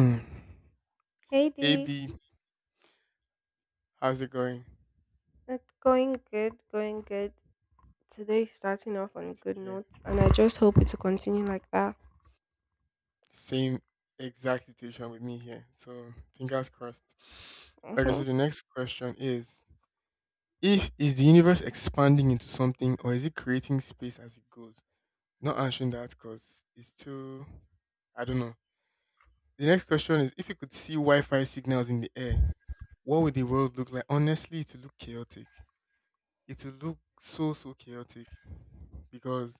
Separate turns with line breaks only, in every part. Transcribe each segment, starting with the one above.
Mm.
Hey
Hey
Dee,
B, how's it going?
it's going good, going good. Today starting off on a
Great to be
good
here.
note, and I just hope it to continue like that.
Same exact situation with me here. So fingers crossed. Okay,
Hmm.
so the next question is if is the universe expanding into something or is it creating space as it goes? Not answering that because it's too I don't know. The next question is if you could see Wi-Fi signals in the air, what would the world look like? Honestly, it would look chaotic. It would look so chaotic. Because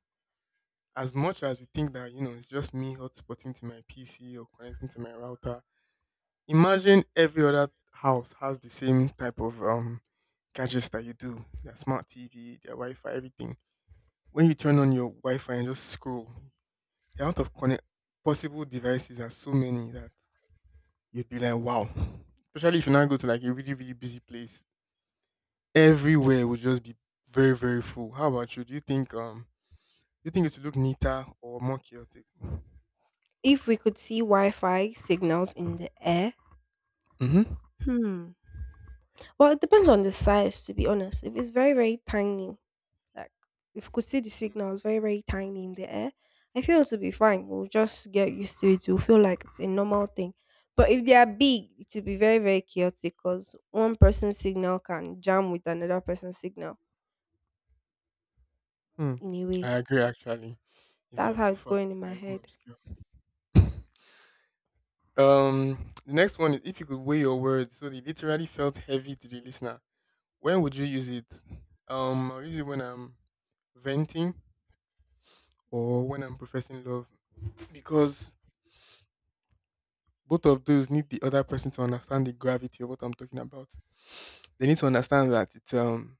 as much as you think that you know it's just me hotspotting to my PC or connecting to my router, imagine every other house has the same type of gadgets that you do. Their smart TV, their Wi-Fi, everything. When you turn on your Wi-Fi and just scroll, the amount of connect possible devices are so many that you'd be like, wow. Especially if you now go to like a really really busy place, everywhere would just be very very full. How about you? Do you think it would look neater or more chaotic?
If we could see Wi-Fi signals in the air,
Mm-hmm.
hmm. Well, it depends on the size, to be honest. If it's very, very tiny, like if we could see the signals very, very tiny in the air, I feel it will be fine. We'll just get used to it. We'll feel like it's a normal thing. But if they are big, it will be very, very chaotic because one person's signal can jam with another person's signal
Hmm.
in a way.
I agree actually. If they are
That's
too
how it's
fast,
going in
it
my
can even
head.
obscure. The next one is if you could weigh your words so they literally felt heavy to the listener. When would you use it? I'll use it when I'm venting or when I'm professing love because both of those need the other person to understand the gravity of what I'm talking about. They need to understand that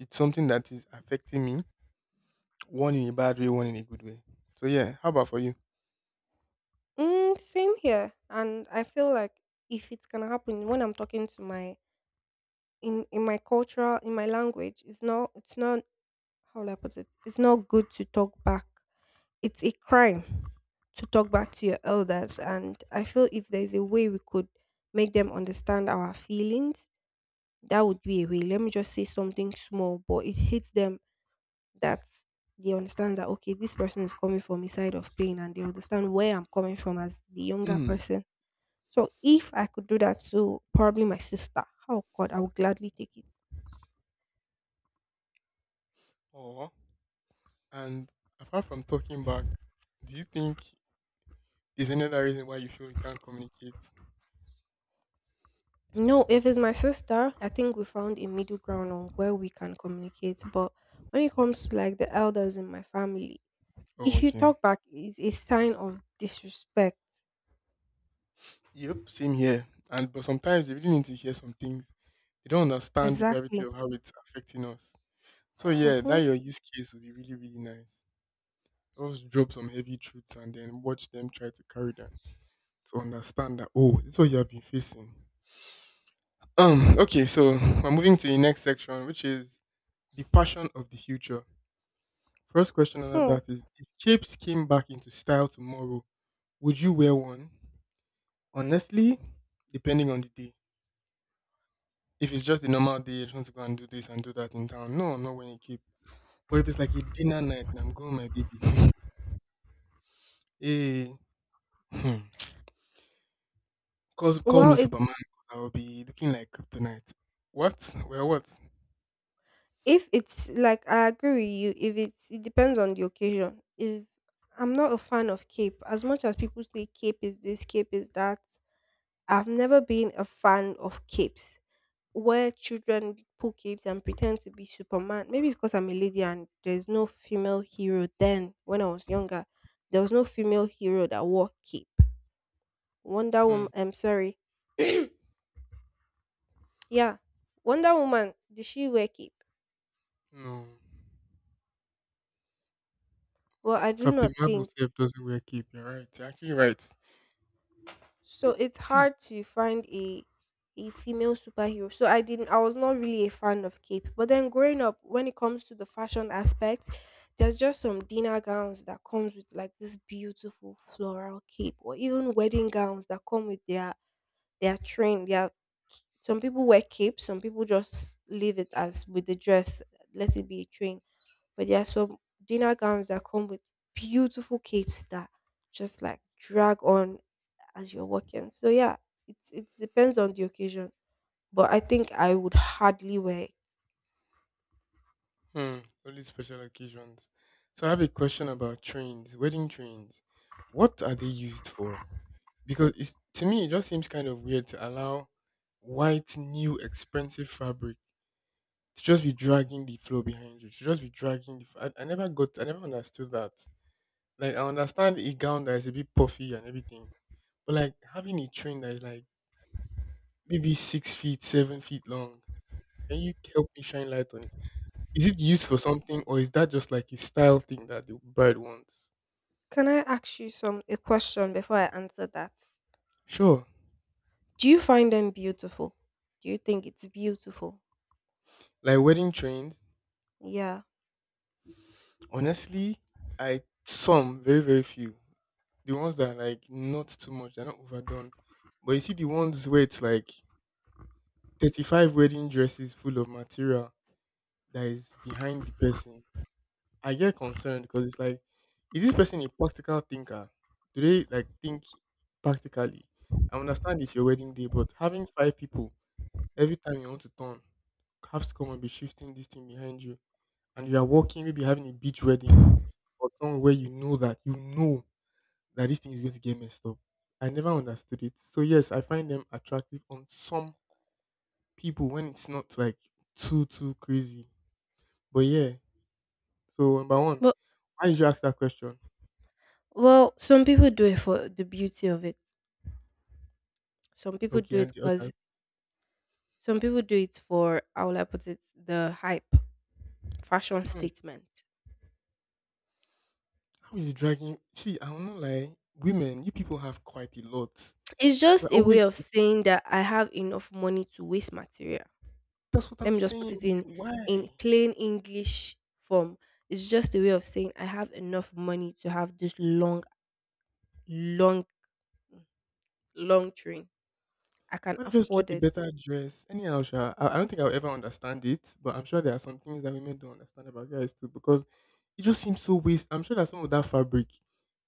it's something that is affecting me, one in a bad way, one in a good way. So yeah, how about for you?
Mm, same here. And I feel like if it's gonna happen when I'm talking to my in my cultural in my language, it's not, how will I put it? It's not good to talk back. It's a crime to talk back to your elders. And I feel if there's a way we could make them understand our feelings, that would be a way. Let me just say something small, but it hits them that they understand that okay, this person is coming from a side of pain and they understand where I'm coming from as the younger
Hmm.
person. So if I could do that to probably my sister, oh god, I would gladly take it.
Or And apart from talking back, do you think is any other reason why you feel you can't communicate?
No, if it's my sister, I think we found a middle ground on where we can communicate. But when it comes to like the elders in my family,
Oh,
if you
okay.
talk back, is a sign of disrespect.
Yep, same here. And but sometimes you really need to hear some things. You don't understand the gravity
Exactly.
of how it's affecting us. So yeah, that
Mm-hmm.
your use case would be really, really nice. Just drop some heavy truths and then watch them try to carry them to understand that oh, this is what you have been facing. Okay, so we're moving to the next section, which is the fashion of the future. First question under
Hmm.
that is if capes came back into style tomorrow, would you wear one? Honestly, depending on the day. If it's just a normal day, I just want to go and do this and do that in town. No, I'm not wearing a cape. But if it's like a dinner night and I'm going with my baby, hey, hmm, call me
Well, it
Superman 'cause I will be looking like Kryptonite. What? Well, what?
if it's like I agree with you, if it depends on the occasion. If I'm not a fan of cape, as much as people say cape is this, cape is that, I've never been a fan of capes where children pull capes and pretend to be Superman. Maybe it's because I'm a lady and there's no female hero then when I was younger. There was no female hero that wore cape. Wonder
Hmm,
Woman, I'm sorry. Yeah. Wonder Woman, did she wear cape?
no.
Well, I do
Captain
not
Marvel
think.
self doesn't wear cape. You're right. You're actually right.
So it's hard to find a female superhero. So I was not really a fan of cape. But then growing up, when it comes to the fashion aspect, there's just some dinner gowns that comes with like this beautiful floral cape, or even wedding gowns that come with their train. Their Some people wear capes, some people just leave it as with the dress, let it be a train. But there are some dinner gowns that come with beautiful capes that just like drag on as you're working. So yeah, it depends on the occasion, but I think I would hardly wear it.
Hmm. Only special occasions. So I have a question about trains, wedding trains. What are they used for? Because it's, to me, it just seems kind of weird to allow white, new, expensive fabric to just be dragging the floor behind you. To just be dragging the. F- I never got. I never understood that. Like I understand a gown that is a bit puffy and everything, but like having a train that is like maybe 6 feet, 7 feet long. Can you help me shine light on it? Is it used for something or is that just like a style thing that the bride wants?
Can I ask you some a question before I answer that?
Sure.
Do you find them beautiful? Do you think it's beautiful?
Like wedding trains,
Yeah.
honestly, I some very very few. The ones that are like not too much, they're not overdone. But you see the ones where it's like 35 wedding dresses full of material that is behind the person. I get concerned because it's like, is this person a practical thinker? Do they like think practically? I understand it's your wedding day, but having five people every time you want to turn, have come and be shifting this thing behind you. And you are walking, maybe having a beach wedding or somewhere where you know that this thing is going to get messed up. I never understood it. So yes, I find them attractive on some people when it's not like too crazy. But yeah, so number one,
Well,
why did you ask that question?
well, some people do it for the beauty of it. Some people
Okay,
do it
and the
because
other,
some people do it for, how will I put it, the hype, fashion
hmm,
statement.
how is it dragging? See, I will not lie. Women, you people have quite a lot.
It's
We're
just a way
always.
of saying that I have enough money to waste material.
That's what
Let
I'm
me just put
saying.
it in
Why?
plain English form. It's just a way of saying I have enough money to have this long, long, long train. I can
Why don't you just
afford
get a
it.
better dress? Anyhow, sha, I don't think I'll ever understand it, but I'm sure there are some things that women don't understand about guys too because it just seems so waste. I'm sure that some of that fabric,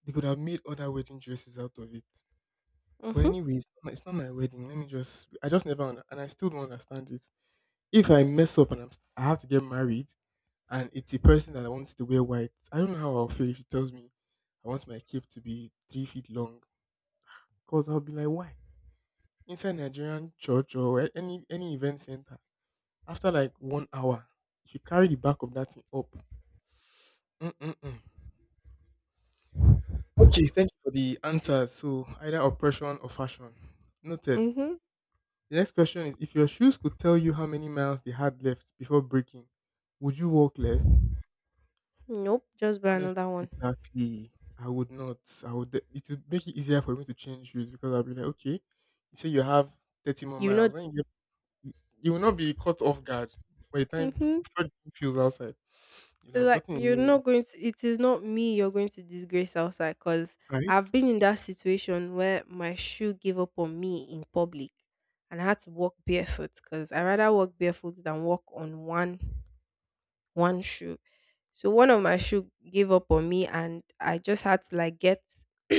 they could have made other wedding dresses out of it. But
Mm-hmm.
anyways, it's not my wedding. I just never, under, and I still don't understand it. If I mess up and I have to get married and it's a person that wants to wear white, I don't know how I'll feel if she tells me I want my cape to be 3 feet long. Because I'll be like, why? Inside Nigerian church or any event center. After like 1 hour, if you carry the back of that thing up, mm-mm-mm. Okay, thank you for the answers. So either oppression or fashion. Noted.
Mm-hmm.
The next question is if your shoes could tell you how many miles they had left before breaking, would you walk less?
Nope. Just buy
Honestly,
another one.
exactly. I would not. It would make it easier for me to change shoes because I'll be like, okay, you say you have 30 more
You know.
miles. When you get You will not be caught off guard by the time
Mm-hmm.
before the thing feels outside. You'll have
Like
gotten a
you're
new one,
not going to. It is not me. You're going to disgrace outside because
right?
I've been in that situation where my shoe gave up on me in public, and I had to walk barefoot because I rather walk barefoot than walk on one shoe. So one of my shoe gave up on me and I just had to like get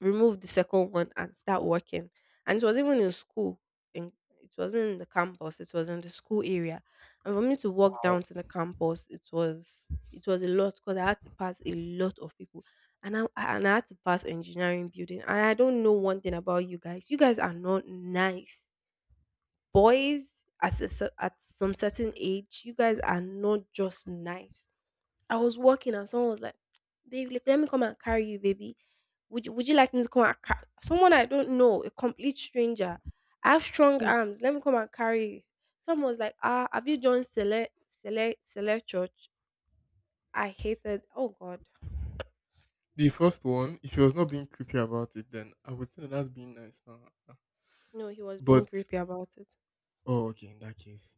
remove the second one and start working. And it was even in school. In, it wasn't in the campus, it was in the school area. And for me to walk
Wow.
down to the campus, it was a lot because I had to pass a lot of people. And I had to pass engineering building. And I don't know one thing about you guys. You guys are not nice. Boys at, a, cer- At some certain age, you guys are not just nice. I was walking and someone was like, "Babe, like, let me come and carry you, baby. Would you like me to come and carry someone I don't know, a complete stranger? I have strong arms. Let me come and carry you." Someone was like, "Ah, have you joined select church?" I hated. Oh God,
The first one, if he was not being creepy about it, then I would say that that's being nice now.
no, he was being
But
creepy about it.
oh, okay, in that case,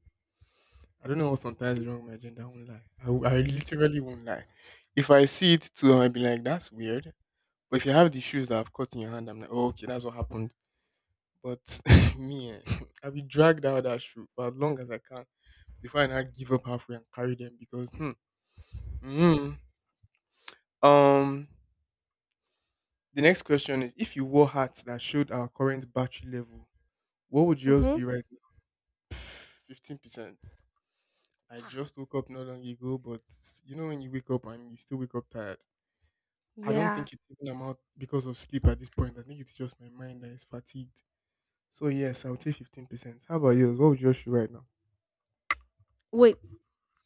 I don't know what sometimes wrong with my agenda. I won't lie. I literally won't lie. If I see it too, I might be like, that's weird. But if you have the shoes that I've caught in your hand, I'm like, oh, okay, that's what happened. But me, eh, I'll be dragged out that shoe for as long as I can before I now give up halfway and carry them because, hmm, mm, um, the next question is if you wore hats that showed our current battery level, what would yours
Mm-hmm.
be right 15%. I
Wow.
just woke up not long ago, but you know when you wake up and you still wake up tired. I don't
Yeah.
think it's even amount because of sleep at this point. I think it's just my mind that is fatigued. So yes, I would say 15%. How about yours? What would you show right now?
Wait,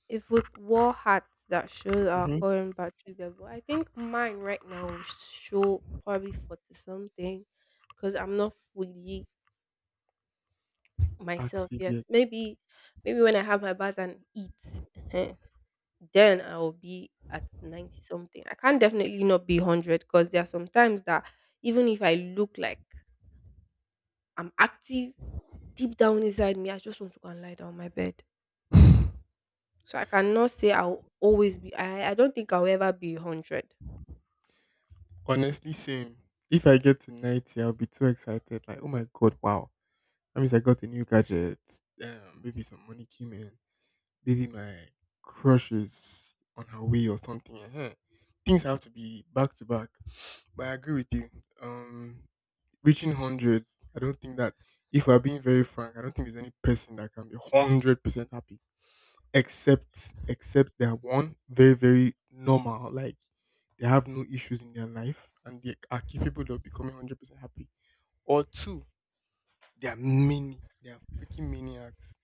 if we wore hats that show our
Mm-hmm.
current battery level, I think mine right now will show probably 40 something because I'm not fully myself
Active
yet.
yet.
Maybe when I have my bath and eat, ehen, then I will be at 90 something. I can't definitely not be 100 because there are some times that even if I look like I'm active, deep down inside me, I just want to go and lie down on my bed. So I cannot say I'll always be, I don't think I'll ever be 100.
Honestly, same. If I get to 90, I'll be too excited. Like, oh my god, wow. That means I got a new gadget. Damn, maybe some money came in. Maybe my crush is on her way or something. Ehen. Things have to be back to back. But I agree with you. Um, reaching hundreds, I don't think that. If we're being very frank, I don't think there's any person that can be 100% happy, except they're one very very normal. Like they have no issues in their life and they are capable of becoming 100% happy. Or two, they are many. They are freaking maniacs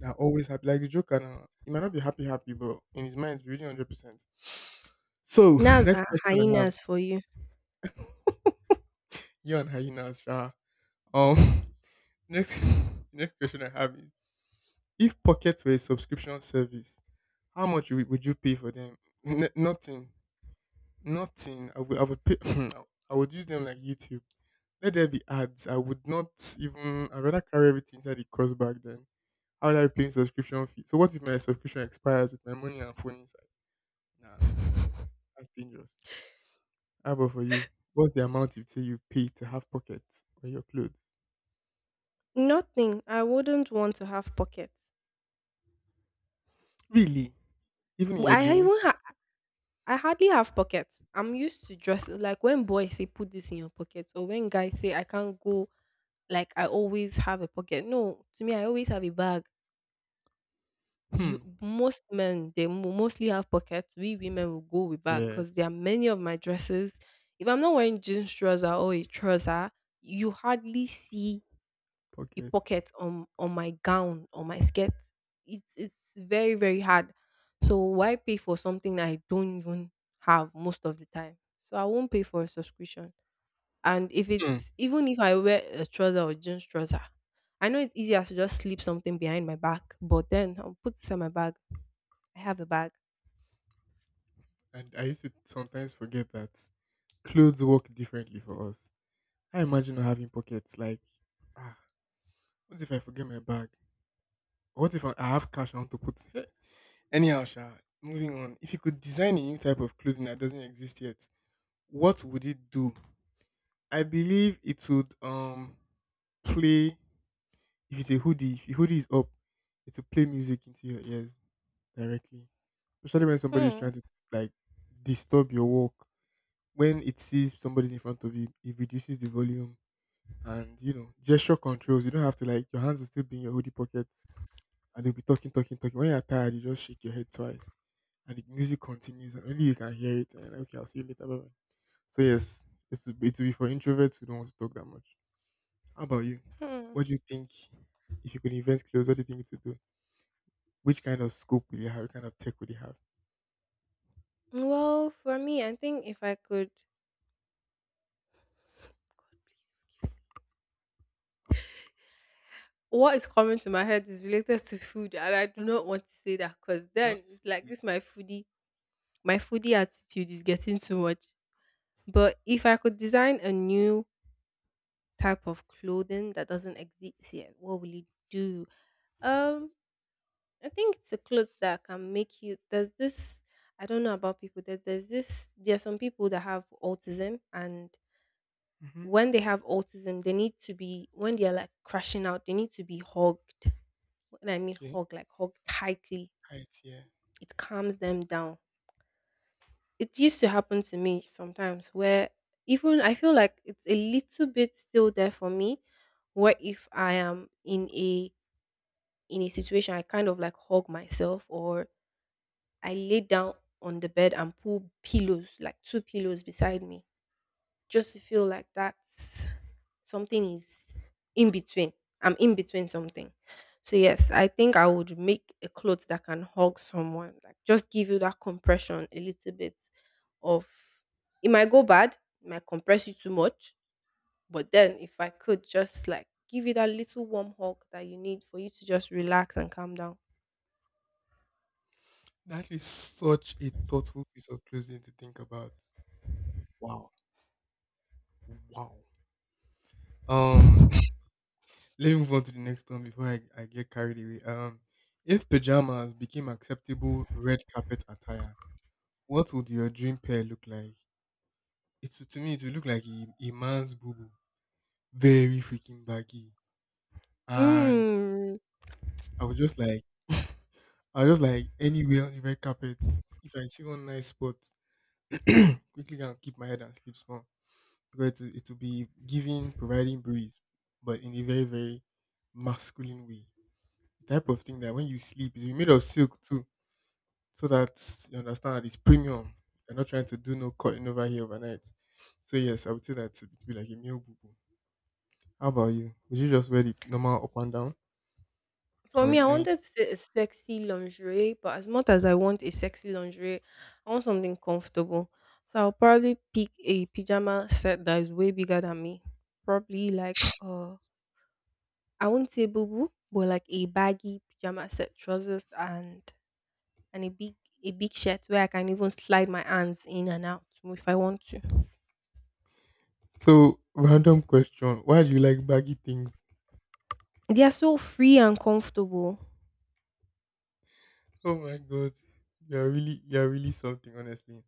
they're always happy. Like the Joker now. He might not be happy, happy, but in his mind, he's really 100%. So,
That's
next
a
question I have.
hyenas for you.
You and hyenas, Sha. Um, next, next question I have is if pockets were a subscription service, how much would you pay for them? Nothing. Nothing. I would pay. I would use them like YouTube. Let there be ads. I would not even. I'd rather carry everything inside the cost bag then. How would I be paying subscription fee? So what if my subscription expires with my money and phone inside? Nah. That's dangerous. How about for you? What's the amount you'd say you pay to have pockets on your clothes?
Nothing. I wouldn't want to have pockets.
Really? Even in
W-
your
I
jeans?
even ha- I hardly have pockets. I'm used to dress like when boys say put this in your pocket or when guys say I can't go, like I always have a pocket. No, to me I always have a bag.
Hmm.
You most men they mostly have pockets. We women will go with bag
Yeah,
because there are many of my dresses. If I'm not wearing jeans trouser or a trouser, you hardly see a
pockets.
pocket on my gown or my skirt. It's very very hard. So why pay for something that I don't even have most of the time? So I won't pay for a subscription. And if
Hmm.
it's even if I wear a trouser or jeans trouser, I know it's easier to just slip something behind my back. But then I'll put this in my bag. I have a bag.
And I used to sometimes forget that clothes work differently for us. I imagine not having pockets. Like, ah, what if I forget my bag? What if I have cash I want to put? Anyhow, Sha, moving on. If you could design a new type of clothing that doesn't exist yet, what would it do? I believe it would play if it's a hoodie, if your hoodie is up, it will play music into your ears directly. Especially when somebody is
Hmm.
trying to like disturb your walk. When it sees somebody's in front of you, it reduces the volume and gesture controls. You don't have to like your hands will still be in your hoodie pockets and they'll be talking, talking, talking. When you're tired, you just shake your head twice and the music continues and only you can hear it and you're like, okay, I'll see you later. Bye bye. So yes, it will be for introverts who don't want to talk that much. How about you?
Hmm.
What do you think if you could invent clothes, what do you think it would do? Which kind of scope will you have? What kind of tech will you have?
Well, for me, I think if I could, God, please. What is coming to my head is related to food, and I do not want to say that because then
Just
it's like
see it.
this my foodie attitude is getting too much. But if I could design a new type of clothing that doesn't exist yet, what will it do? Um, I think it's a clothes that can make you. There's this. I don't know about people. That there's this. There are some people that have autism, and
Mm-hmm.
when they have autism, they need to be, when they are like crashing out, they need to be hugged. When I mean
Okay,
hug, like hug tightly,
right here.
it calms them down. It used to happen to me sometimes where even I feel like it's a little bit still there for me. What if I am in a situation, I kind of like hug myself or I lay down on the bed and pull pillows, like two pillows beside me, just to feel like that something is in between. I'm in between something. So yes, I think I would make a clothes that can hug someone, like just give you that compression a little bit of, it might go bad, it might compress you too much, but then if I could just like give you that little warm hug that you need for you to just relax and calm down.
That is such a thoughtful piece of clothing to think about. Wow, wow. Um, let me move on to the next one before I get carried away. If pajamas became acceptable red carpet attire, what would your dream pair look like? It's to me, it would look like a man's boo boo, very freaking baggy, and
Mm.
I was just like, I was just like, anywhere on the red carpet, if I see one nice spot, quickly can keep my head and sleep small because it will be providing breeze, but in a very very masculine way. The type of thing that when you sleep is made of silk too, so that you understand that it's premium. You're not trying to do no cutting over here overnight. So yes, I would say that it would be like a male boo boo. How about you? Would you just wear the normal up and down
For
or a
me, I
night?
wanted a sexy lingerie, but as much as I want a sexy lingerie, I want something comfortable. So I'll probably pick a pajama set that is way bigger than me. Probably like I won't say boo boo, but like a baggy pajama set, trousers and and a big a big shirt where I can even slide my arms in and out if I want to.
So random question: why do you like baggy things?
They are so free and comfortable.
Oh my god. You're really something, honestly.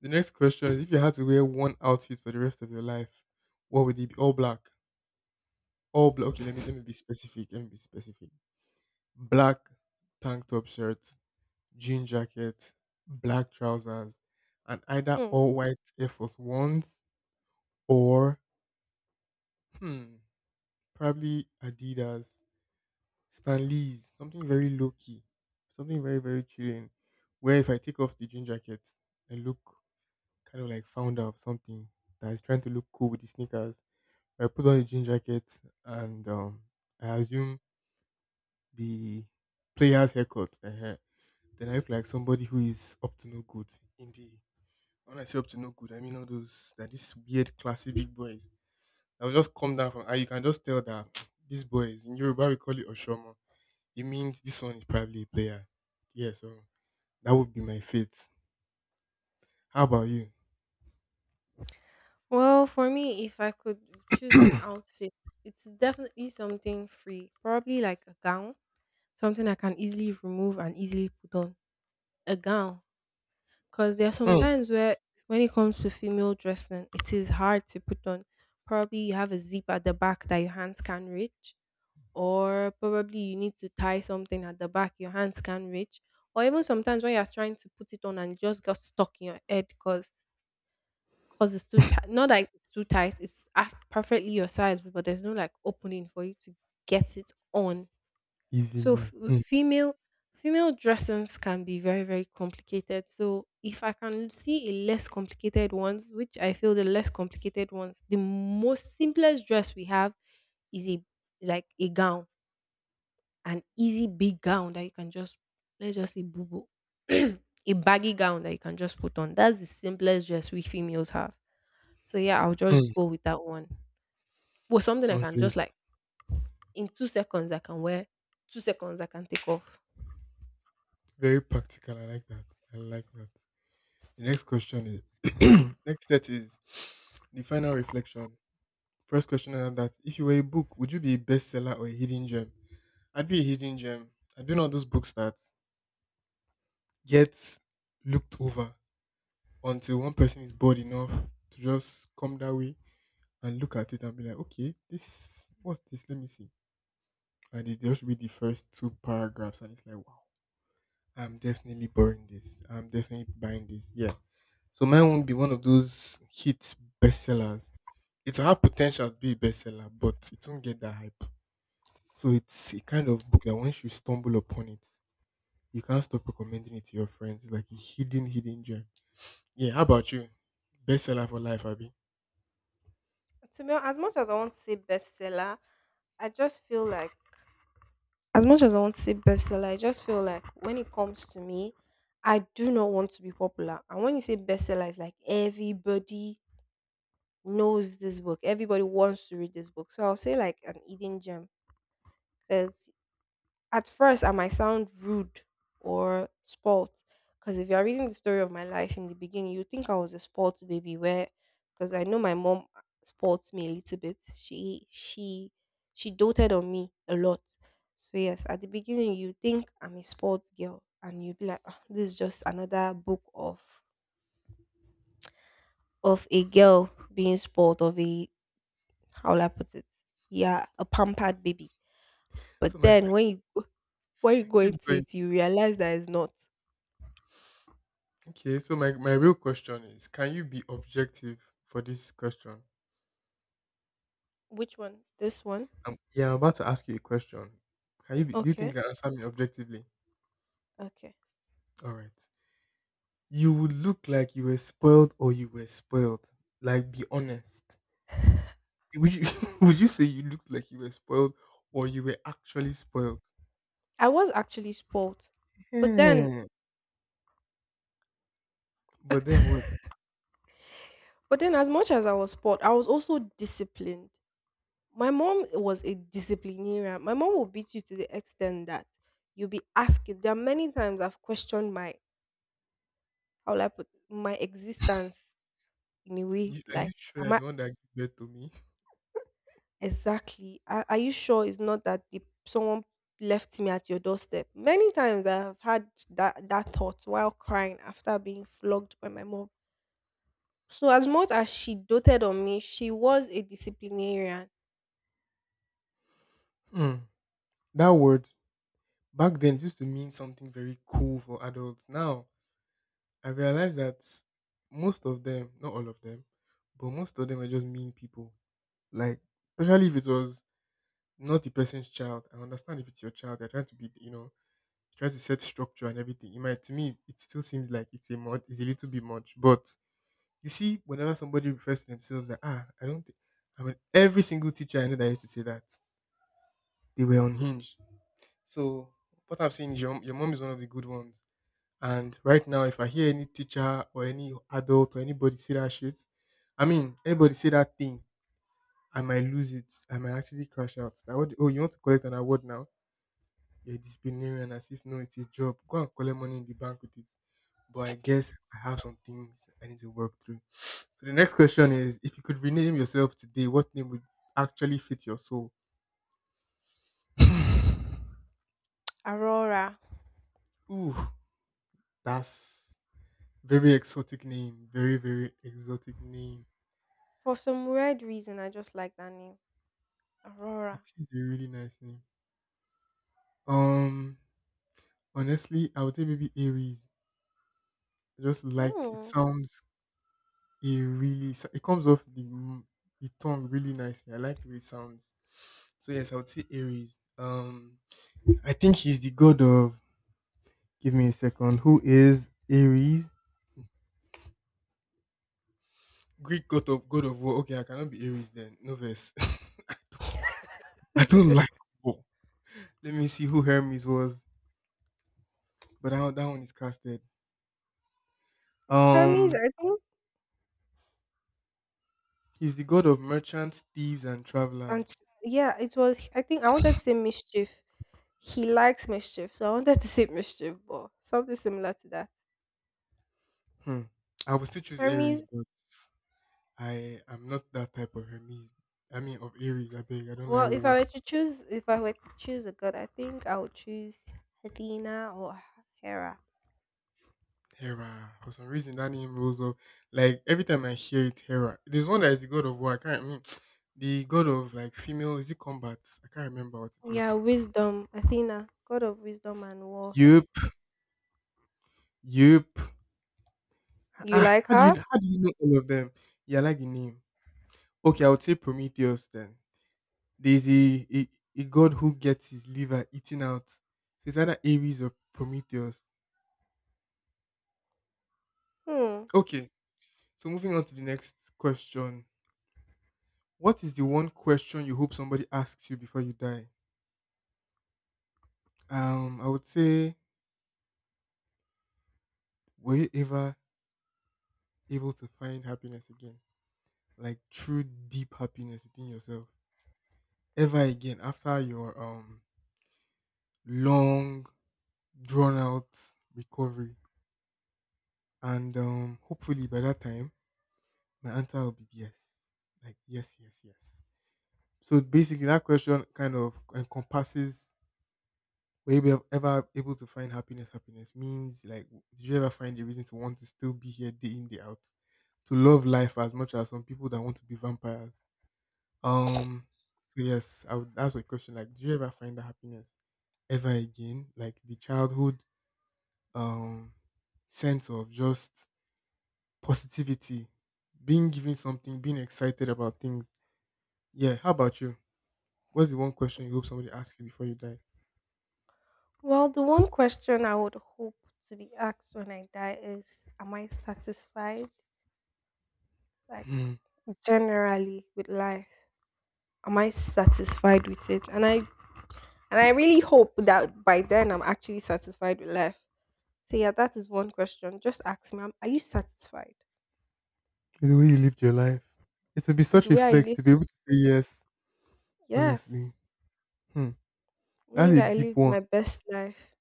The next question is if you had to wear one outfit for the rest of your life, what would it be? All black. All black. Okay, let me be specific. Let me be specific. Black tank top shirt, jean jacket, black trousers, and either
Hmm.
all white Air Force Ones or hmm, probably Adidas, Stan Lee's, something very low key, something very, very chilling. Where if I take off the jean jacket, I look kind of like founder of something that is trying to look cool with the sneakers. I put on the jean jacket and I assume the player's haircut. Then I look like somebody who is up to no good in the. When I say up to no good, I mean all those that these weird classy big boys. I will just come down from, and you can just tell that these boys in Yoruba we call it Oshomo. It means this one is probably a player. Yeah, so that would be my fate. How about you?
Well, for me, if I could choose an outfit, it's definitely something free, probably like a gown, something I can easily remove and easily put on. A gown, because there are some
Hmm.
times where, when it comes to female dressing, it is hard to put on. Probably you have a zip at the back that your hands can't reach, or probably you need to tie something at the back your hands can't reach, or even sometimes when you're trying to put it on and it just got stuck in your head because 'cause it's too tight. Not that it's too tight, it's ac perfectly your size, but there's no, like, opening for you to get it on. So
Easily.
f
Hmm.
female dressings can be very, very complicated. So if I can see a less complicated ones, which I feel the less complicated ones, the most simplest dress we have is a like, a gown, an easy big gown that you can just let's just say boobo. A baggy gown that you can just put on. That's the simplest dress we females have. So yeah, I'll just
Hmm.
go with that one. But something I can just
Sundries.
like in 2 seconds I can wear, 2 seconds I can take off.
Very practical. I like that. I like that. The next question is next set is the final reflection. First question is that if you were a book, would you be a bestseller or a hidden gem? I'd be a hidden gem. I'd be one of those books that gets looked over until one person is bored enough to just come that way and look at it and be like, okay, this what's this? Let me see. And they just read the first two paragraphs and it's like, wow, I'm definitely borrowing this. I'm definitely buying this. Yeah. So mine won't be one of those hit bestsellers. It'll have potential to be a bestseller, but it won't get that hype. So it's a kind of book that once you stumble upon it, you can't stop recommending it to your friends. It's like a hidden, hidden gem. Yeah, how about you? Bestseller for life, Abby.
To me, as much as I want to say bestseller, I just feel like as much as I want to say bestseller, I just feel like when it comes to me, I do not want to be popular. And when you say bestseller, it's like everybody knows this book. Everybody wants to read this book. So I'll say like an hidden gem. Because at first, I might sound rude or spoilt because if you are reading the story of my life in the beginning, you think I was a spoilt baby. Where, because I know my mom spoilt me a little bit. She she doted on me a lot. So yes, at the beginning, you think I'm a spoilt girl, and you be like, "Ah, this is just another book of a girl being spoiled of a how will I put it? Yeah, a pampered baby." But
So my
then when you go
keep
into
going.
it, you realize that it's not.
Okay, so my real question is can you be objective for this question?
Which one? This one?
Yeah, I'm about to ask you a question. Do you think
Okay.
you can answer me objectively?
Okay.
All right. You would look like you were spoiled or you were spoiled. Like, be honest. Would you, would you say you looked like you were spoiled or you were actually spoiled?
I was actually spoiled. But then
Yeah. But then what? Are
as much as I was spoiled, I was also disciplined. My mom was a disciplinarian. My mom will beat you to the extent that you'll be asking. There are many times I've questioned my how will I put it, my existence in a way.
you, are you
Like,
sure
am
you're
I
the one that gave birth to me?
exactly are you sure it's not that the, someone left me at your doorstep? Many times I've had that thought while crying after being flogged by my mom. So as much as she doted on me, she was a disciplinarian.
Hmm. That word back then it used to mean something very cool for adults. Now I realize that most of them, not all of them, but most of them are just mean people. Like, especially if it was not the person's child. I understand if it's your child, they're trying to be, try to set structure and everything. It might to me it still seems like it's a little bit much. But you see, whenever somebody refers to themselves that I don't think I mean every single teacher I know that used to say that they were unhinged. So what I'm saying is your mom is one of the good ones. And right now if I hear any teacher or any adult or anybody say that shit, I mean anybody say that thing, I might lose it. I might actually crash out. That what oh you want to collect an award now? You're a disciplinarian as if no, it's a job. Go and collect money in the bank with it. But I guess I have some things I need to work through. So the next question is if you could rename yourself today, what name would actually fit your soul?
Aurora.
Ooh, that's very exotic name. Very, very exotic name.
For some weird reason, I just like that name.
It
Aurora.
is a really nice name. Um, honestly, I would say maybe Aries. I just like it
Hmm.
sounds. It comes off the the tongue really nicely. I like the way it sounds. So yes, I would say Aries. I think he's the god of. Give me a second. Who is Aries? Greek god of war. Okay, I cannot be Aries then. No verse. I don't like war. Let me see who Hermes was, but that one is casted.
Hermes,
Um,
I think,
he's the god of merchants, thieves, and
and
travelers.
yeah, it was. I think I wanted to say mischief. He likes mischief, so I wanted to say mischief, but something similar to that.
Hmm. I would still choose Aries,
Hermes.
but I am not that type of Hermes. I mean, of Aries. I beg. I don't like
Well, if
war.
I were to choose, if I were to choose a god, I think I would choose Athena or Hera.
Terra. For some reason, that name rolls up. Like every time I hear it, Terra. There's one that is the god of war. I can't. I mean, the god of like female. Is it combat? I can't remember what it is.
Yeah, wisdom. Athena, god of wisdom and war.
Yup. Yup.
You
Ah,
like
how do you
her?
how do you know all of them? Yeah, I like the name. Okay, I would say Prometheus then. There's a god who gets his liver eaten out. So it's either Ares or Prometheus.
Hmm.
Okay, so moving on to the next question. What is the one question you hope somebody asks you before you die? I would say, were you ever able to find happiness again, like true deep happiness within yourself, ever again after your long drawn out recovery? And hopefully by that time, my answer will be yes, like yes, yes, yes. So basically, that question kind of encompasses, were you ever able to find happiness? Happiness means like, did you ever find a reason to want to still be here day in day out, to love life as much as some people that want to be vampires? Um. So yes, I would ask a question like, do you ever find that happiness ever again? Like the childhood um sense of just positivity, being given something, being excited about things. Yeah. How about you? What's the one question you hope somebody asks you before you die?
Well, the one question I would hope to be asked when I die is am I satisfied? Like,
Hmm.
generally, with life, am I satisfied with it? And I really hope that by then I'm actually satisfied with life. So yeah, that is one question. Just ask me, are you satisfied
The way you lived your life. It will be
with
such
the
a
way I
flex
live?
to be able to say yes, honestly.
Yes,
Hmm. That's
knowing
a
that I
deep
lived
one.
my best life,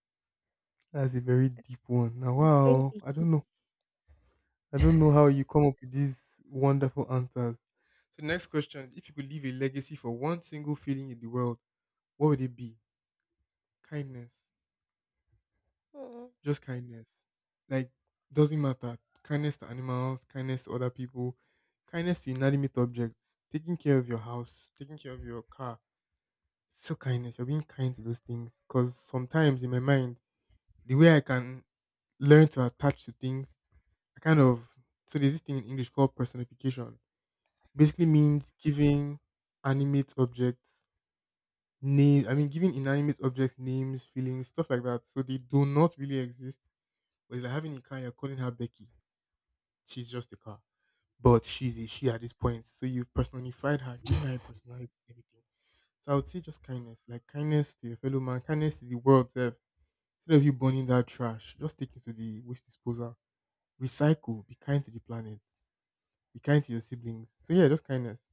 That's a very deep one. Now,
it's going
wow.
to
I
hit.
don't know. I don't know how you come up with these wonderful answers. So, next question is if you could leave a legacy for one single feeling in the world, what would it be? Kindness.
Hmm.
Just kindness. Like, doesn't matter. Kindness to animals, kindness to other people, kindness to inanimate objects, taking care of your house, taking care of your car, so kindness. You're being kind to those things. Because sometimes in my mind, the way I can learn to attach to things, I kind of so there's this thing in English called personification. Basically means giving animate objects name. I mean, giving inanimate objects names, feelings, stuff like that. So they do not really exist. But it's like having a car, you're calling her Becky. She's just a car, but she's a she at this point. So you've personified her, given her a personality, everything. So I would say just kindness, like kindness to your fellow man, kindness to the world. Self. Instead of you burning that trash, just take it to the waste disposal. Recycle. Be kind to the planet. Be kind to your siblings. So yeah, just kindness.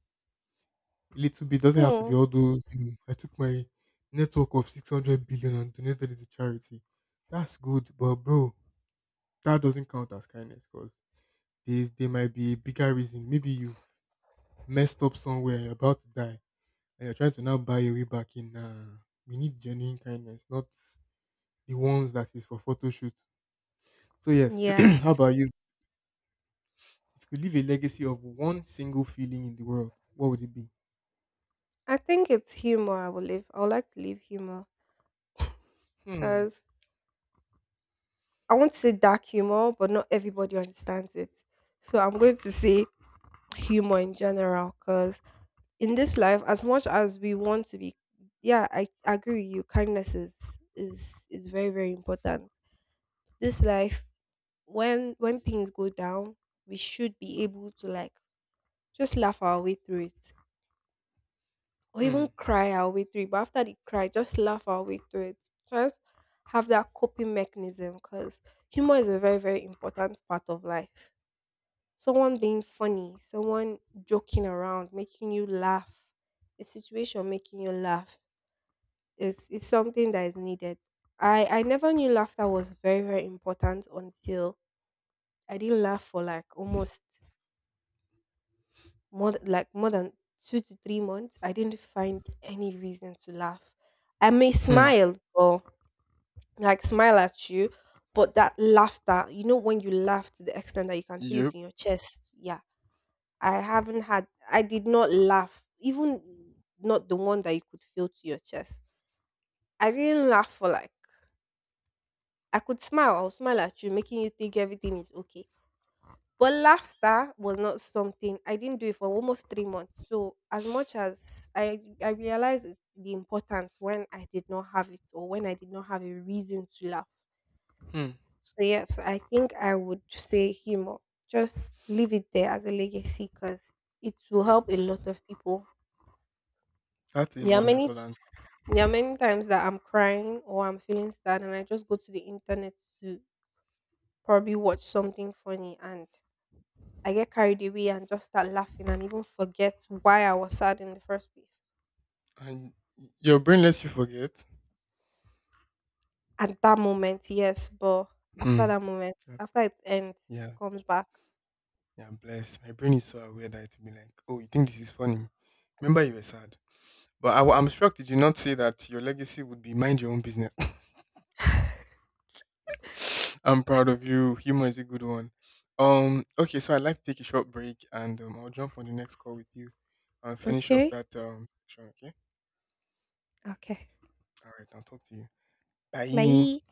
A little bit doesn't have to
Hmm.
be all those. You know, I took my network of 600 billion and donated it to charity. That's good, but bro, that doesn't count as kindness because there might be a bigger reason. Maybe you've messed up somewhere. You're about to die, and you're trying to now buy your way back in. We need genuine kindness, not the ones that is for photo shoots. So yes,
Yeah,
how about you? If you could leave a legacy of one single feeling in the world, what would it be?
I think it's humor. I will live. I would like to live humor
Hmm.
because I want to say dark humor, but not everybody understands it. So I'm
Eh,
going to say humor in general because in this life, as much as we want to be, yeah, I agree with you. Kindness is very very important. This life, when things go down, we should be able to like just laugh our way through it, or
Hmm.
even cry our way through it. But after the cry, just laugh our way through it. Just have that coping mechanism because humor is a very very important part of life, someone being funny, someone joking around, making you laugh, a situation making you laugh is something that is needed. I never knew laughter was very, very important until I didn't laugh for like almost more like more than 2 to 3 months. I didn't find any reason to laugh. I may
Hmm.
smile or like smile at you, but that laughter, you know, when you laugh to the extent that you can feel it
Yep.
in your chest, yeah, I haven't had I did not laugh, even not the one that you could feel to your chest. I didn't laugh for like I could smile, I'll smile at you, making you think everything is okay. But laughter was not something, I didn't do it for almost 3 months. So as much as I realized it's the importance when I did not have it or when I did not have a reason to laugh.
Hmm.
So yes, I think I would say humor. Just leave it there as a legacy because it will help a lot of people.
That's a
There are many
wonderful answer.
There are many times that I'm crying or I'm feeling sad, and I just go to the internet to probably watch something funny, and I get carried away and just start laughing and even forget why I was sad in the first place.
And your brain lets you forget.
At that moment, yes, but
Hmm.
after that moment,
Yeah.
after it ends, it
Yeah.
comes back.
Yeah, I'm blessed. My brain is so aware that it'll be like, oh, you think this is funny? Remember you were sad. But I am shocked. Did you not say that your legacy would be mind your own business? I'm proud of you. Humor is a good one. Okay. So I'd like to take a short break, and I'll jump on the next call with you, and finish up
Okay,
that section. Okay.
okay.
All right. I'll talk to you. Bye.
Bye.